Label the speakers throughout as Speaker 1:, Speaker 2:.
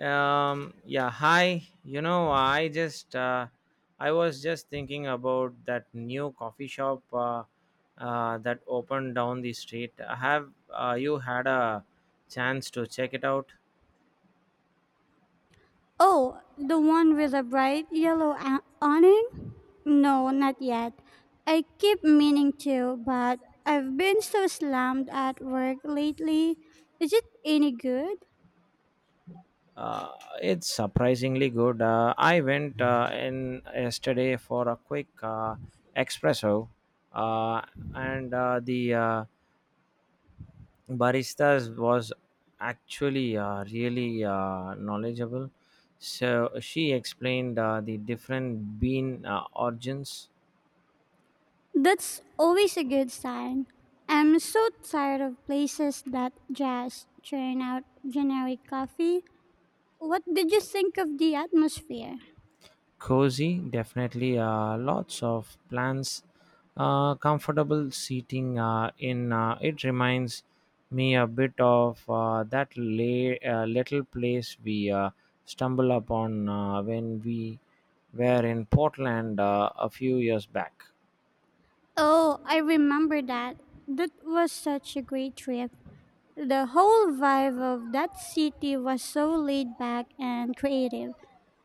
Speaker 1: Yeah, hi. I just I was just thinking about that new coffee shop that opened down the street. Have you had a chance to check it out?
Speaker 2: Oh, the one with a bright yellow awning? No, not yet. I keep meaning to, but I've been so slammed at work lately. Is it any good?
Speaker 1: Uh, it's surprisingly good. I went in yesterday for a quick espresso, uh, and the baristas was actually really knowledgeable, so she explained the different bean origins.
Speaker 2: That's always a good sign. I'm so tired of places that just churn out generic coffee. What did you think of the atmosphere?
Speaker 1: Cozy, definitely, lots of plants, comfortable seating. In It reminds me a bit of that little place we stumble upon when we were in Portland a few years back.
Speaker 2: Oh, I remember that. That was such a great trip. The whole vibe of that city was so laid back and creative.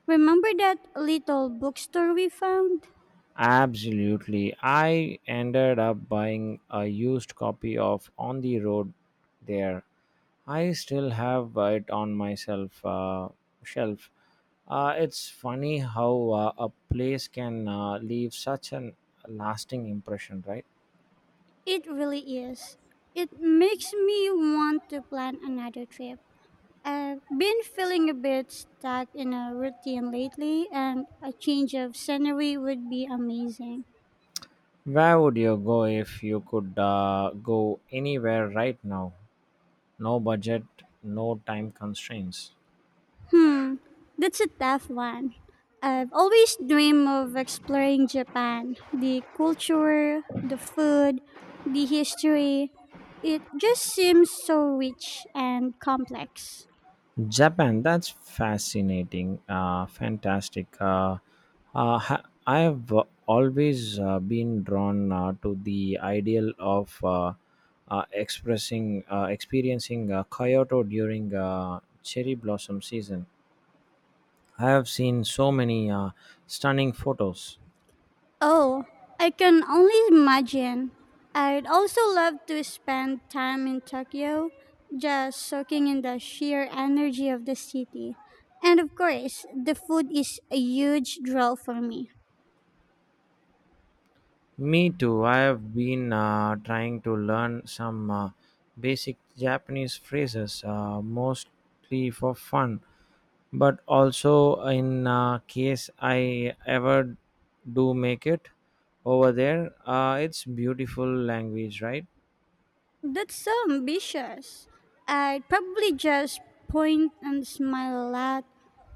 Speaker 2: Remember that little bookstore we found?
Speaker 1: Absolutely. I ended up buying a used copy of On the Road there. I still have it on my shelf. It's funny how a place can leave such an lasting impression, right?
Speaker 2: It really is. It makes me want to plan another trip. I've been feeling a bit stuck in a routine lately, and a change of scenery would be amazing.
Speaker 1: Where would you go if you could go anywhere right now? No budget, no time constraints.
Speaker 2: Hmm, that's a tough one. I've always dreamed of exploring Japan. The culture, the food, the history. It just seems so rich and complex.
Speaker 1: Japan, that's fantastic. I've always been drawn to the ideal of experiencing Kyoto during cherry blossom season. I have seen so many stunning photos.
Speaker 2: Oh, I can only imagine. I'd also love to spend time in Tokyo, just soaking in the sheer energy of the city. And of course, the food is a huge draw for me.
Speaker 1: Me too. I have been trying to learn some basic Japanese phrases, mostly for fun, but also, in case I ever do make it over there. It's beautiful language, right?
Speaker 2: That's so ambitious. I'd probably just point and smile a lot,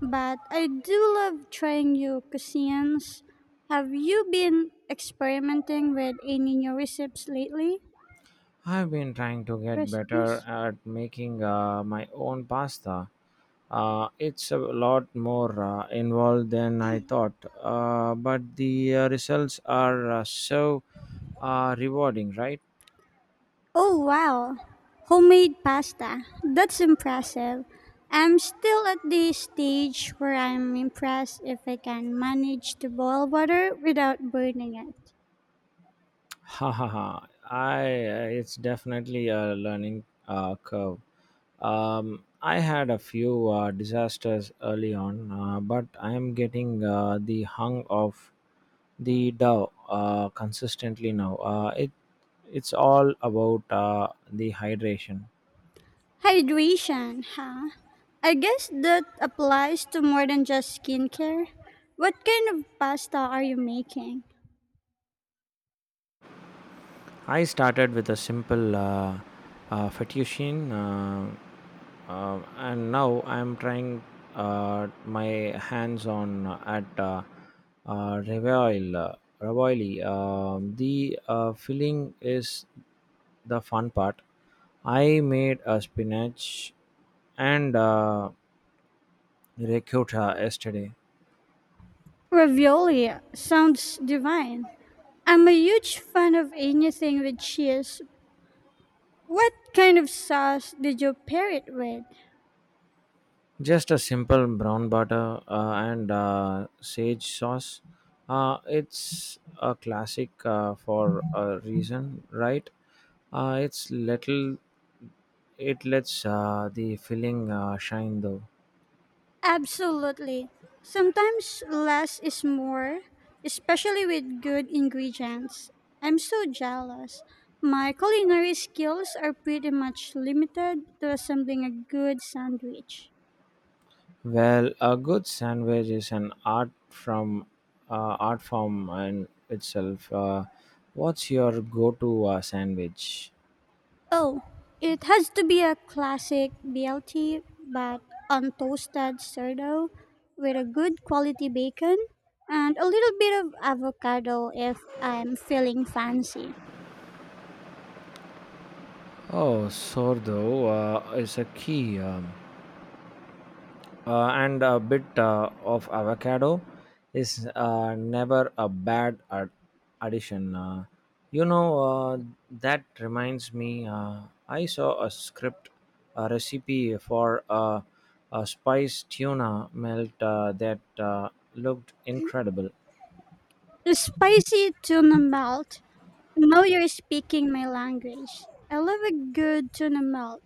Speaker 2: but I do love trying new cuisines. Have you been experimenting with any new recipes lately?
Speaker 1: I've been trying to get better
Speaker 2: Recipes?
Speaker 1: at making my own pasta. It's a lot more involved than I thought, but the results are so rewarding, right?
Speaker 2: Oh wow, homemade pasta. That's impressive. I'm still at the stage where I'm impressed if I can manage to boil water without burning it.
Speaker 1: Ha ha ha! I It's definitely a learning curve. I had a few disasters early on, but I am getting the hung of the dough consistently now. It it's all about the hydration.
Speaker 2: Hydration, huh? I guess that applies to more than just skincare. What kind of pasta are you making?
Speaker 1: I started with a simple fettuccine, and now I'm trying my hands on at uh, ravioli. uh, ravioli. The filling is the fun part. I made a spinach and ricotta yesterday.
Speaker 2: Ravioli sounds divine. I'm a huge fan of anything with cheese. What kind of sauce did you pair it with?
Speaker 1: Just a simple brown butter and sage sauce. It's a classic for a reason, right? It's little. It lets the filling shine though.
Speaker 2: Absolutely. Sometimes less is more, especially with good ingredients. I'm so jealous. My culinary skills are pretty much limited to assembling a good sandwich.
Speaker 1: Well, a good sandwich is an art form in itself. What's your go-to sandwich?
Speaker 2: Oh, it has to be a classic BLT, but untoasted sourdough with a good quality bacon and a little bit of avocado if I'm feeling fancy.
Speaker 1: Oh, sourdough is a key. And a bit of avocado is never a bad addition. You know, uh, that reminds me, I saw a a recipe for a spice tuna melt that looked incredible.
Speaker 2: A spicy tuna melt. Now you're speaking my language. I love a good tuna melt.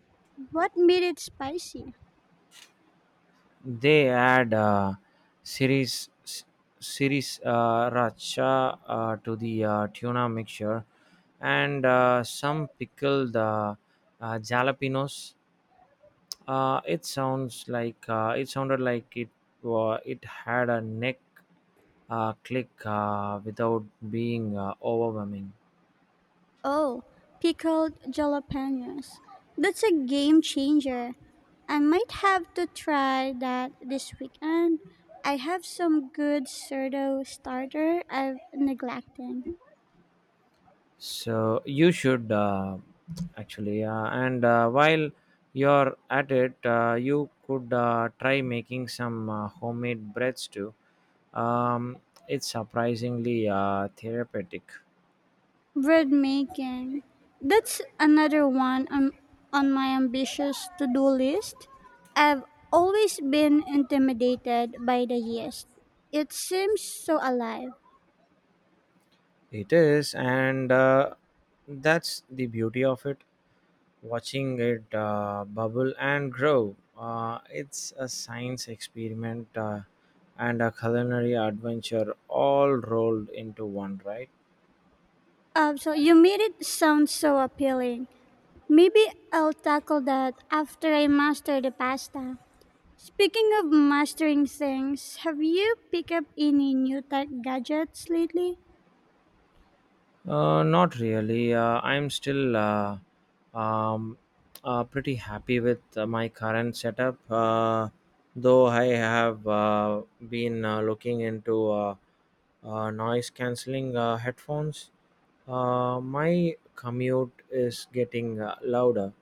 Speaker 2: What made it spicy?
Speaker 1: They add series s- series racha to the tuna mixture, and some pickled jalapenos. It sounded like it wa it had a neck click without being overwhelming.
Speaker 2: Oh, pickled jalapenos. That's a game changer. I might have to try that this weekend. I have some good sourdough starter I've neglected.
Speaker 1: So you should actually, and while you're at it, you could try making some homemade breads too. Um, it's surprisingly therapeutic.
Speaker 2: Bread making. That's another one on my ambitious to do list. I've always been intimidated by the yeast. It seems so alive.
Speaker 1: It is, and that's the beauty of it. Watching it bubble and grow. It's a science experiment and a culinary adventure all rolled into one, right?
Speaker 2: So you made it sound so appealing. Maybe I'll tackle that after I master the pasta. Speaking of mastering things, have you picked up any new tech gadgets lately?
Speaker 1: Not really. I'm still um, pretty happy with my current setup, though I have been looking into noise canceling headphones. My commute is getting louder.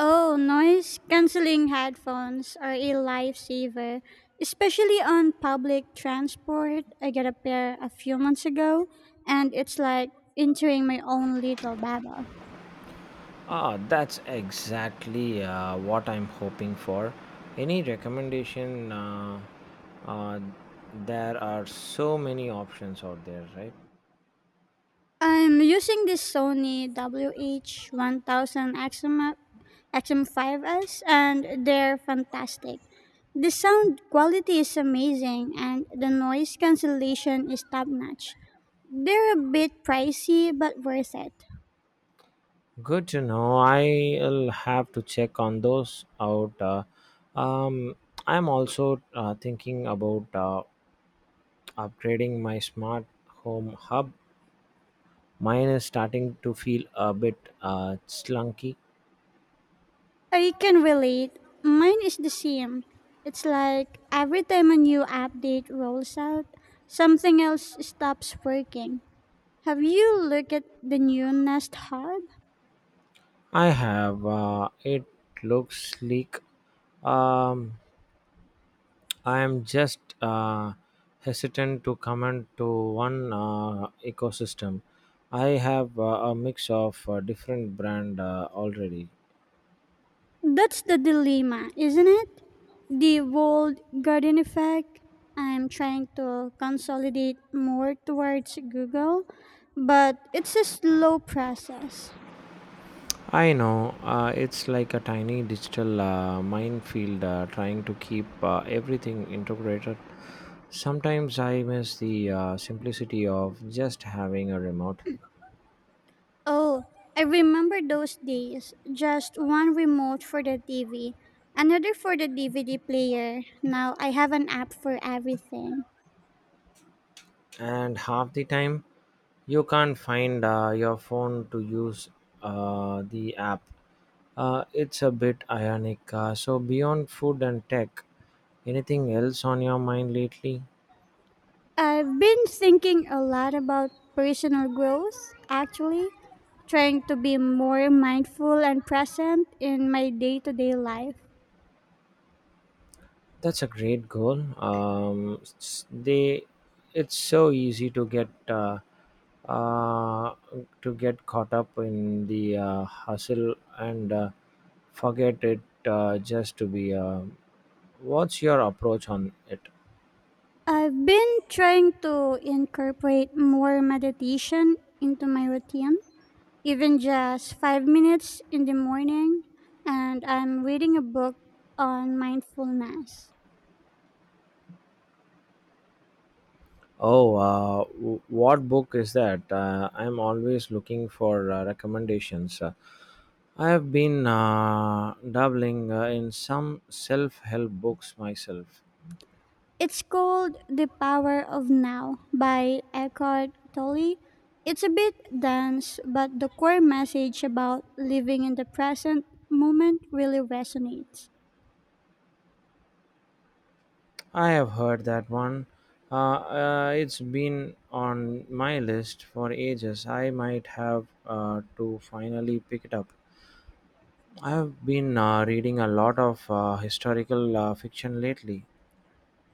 Speaker 2: Oh, noise canceling headphones are a lifesaver, especially on public transport. I got a pair a few months ago, and it's like entering my own little babel.
Speaker 1: Ah, that's exactly what I'm hoping for. Any recommendation? Uh, there are so many options out there, right?
Speaker 2: I'm using this Sony WH1000 XM5S, and they're fantastic. The sound quality is amazing, and the noise cancellation is top notch. They're a bit pricey, but worth it.
Speaker 1: Good to know. I'll have to check on those out. Um, I'm also thinking about upgrading my smart home hub. Mine is starting to feel a bit slunky.
Speaker 2: I can relate. Mine is the same. It's like every time a new update rolls out, something else stops working. Have you looked at the new Nest Hub?
Speaker 1: I have it looks sleek. Um, I am just hesitant to comment to one ecosystem. I have a mix of different brand already.
Speaker 2: That's the dilemma, isn't it? The walled garden effect. I'm trying to consolidate more towards Google, but it's a slow process.
Speaker 1: I know it's like a tiny digital minefield trying to keep everything integrated. Sometimes I miss the simplicity of just having a remote,
Speaker 2: Oh, I remember those days. Just one remote for the TV, another for the DVD player. Now I have an app for everything.
Speaker 1: and half the time you can't find your phone to use the app. It's a bit ironic. So, beyond food and tech, anything else on your mind lately?
Speaker 2: I've been thinking a lot about personal growth, actually, trying to be more mindful and present in my day to day life.
Speaker 1: That's a great goal. Um, s- they, it's so easy uh, to get caught up in the hustle and forget it just to be. What's your approach on it?
Speaker 2: I've been trying to incorporate more meditation into my routine, even just 5 minutes in the morning, and I'm reading a book on mindfulness.
Speaker 1: Oh, what book is that? I'm always looking for recommendations. I have been dabbling in some self-help books myself.
Speaker 2: It's called The Power of Now by Eckhart Tolle. It's a bit dense, but the core message about living in the present moment really resonates.
Speaker 1: I have heard that one. It's been on my list for ages. I might have to finally pick it up. I have been reading a lot of historical fiction lately.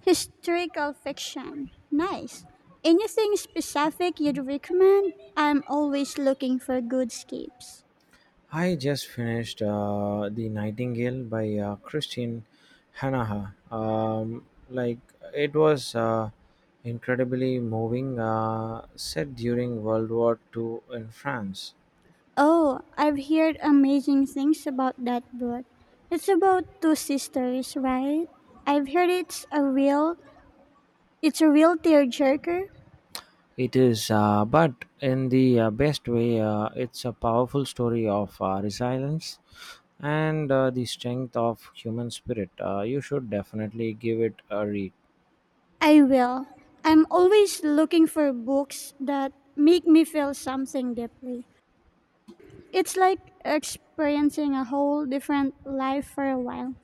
Speaker 2: Historical fiction. Nice. Anything specific you'd recommend? I'm always looking for good escapes.
Speaker 1: I just finished The Nightingale by Christine Hanaha. It was incredibly moving, set during World War II in France.
Speaker 2: Oh, I've heard amazing things about that book. It's about two sisters, right? I've heard it's a real tearjerker.
Speaker 1: It is, but in the best way, it's a powerful story of resilience and the strength of human spirit. You should definitely give it a read.
Speaker 2: I will. I'm always looking for books that make me feel something deeply. It's like experiencing a whole different life for a while.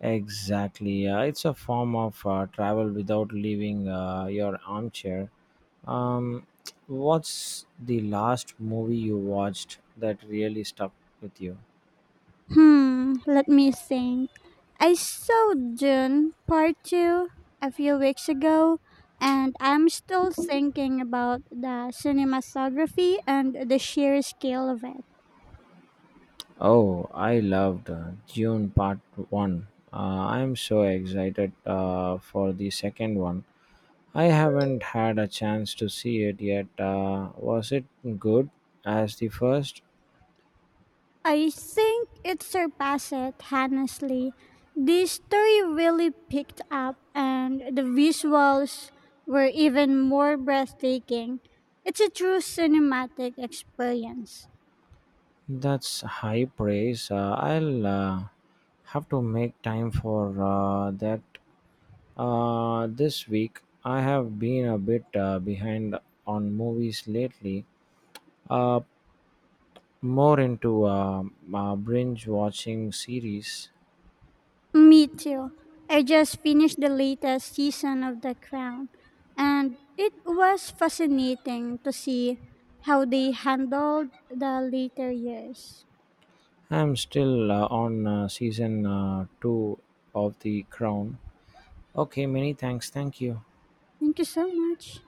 Speaker 1: Exactly. It's a form of travel without leaving your armchair. Um, what's the last movie you watched that really stuck with you?
Speaker 2: Hmm, let me think. I saw Dune Part 2 a few weeks ago, and I'm still thinking about the cinematography and the sheer scale of it.
Speaker 1: Oh, I loved Dune Part 1. I'm so excited for the second one. I haven't had a chance to see it yet. Was it good as the first?
Speaker 2: I think it surpassed it, honestly. The story really picked up, and the visuals were even more breathtaking. It's a true cinematic experience.
Speaker 1: That's high praise. I'll have to make time for that this week. I have been a bit behind on movies lately, uh, more into binge watching series.
Speaker 2: Me too. I just finished the latest season of The Crown, and it was fascinating to see how they handled the later years.
Speaker 1: I'm still on season two of The Crown. Okay, many thanks. Thank you.
Speaker 2: Thank you so much.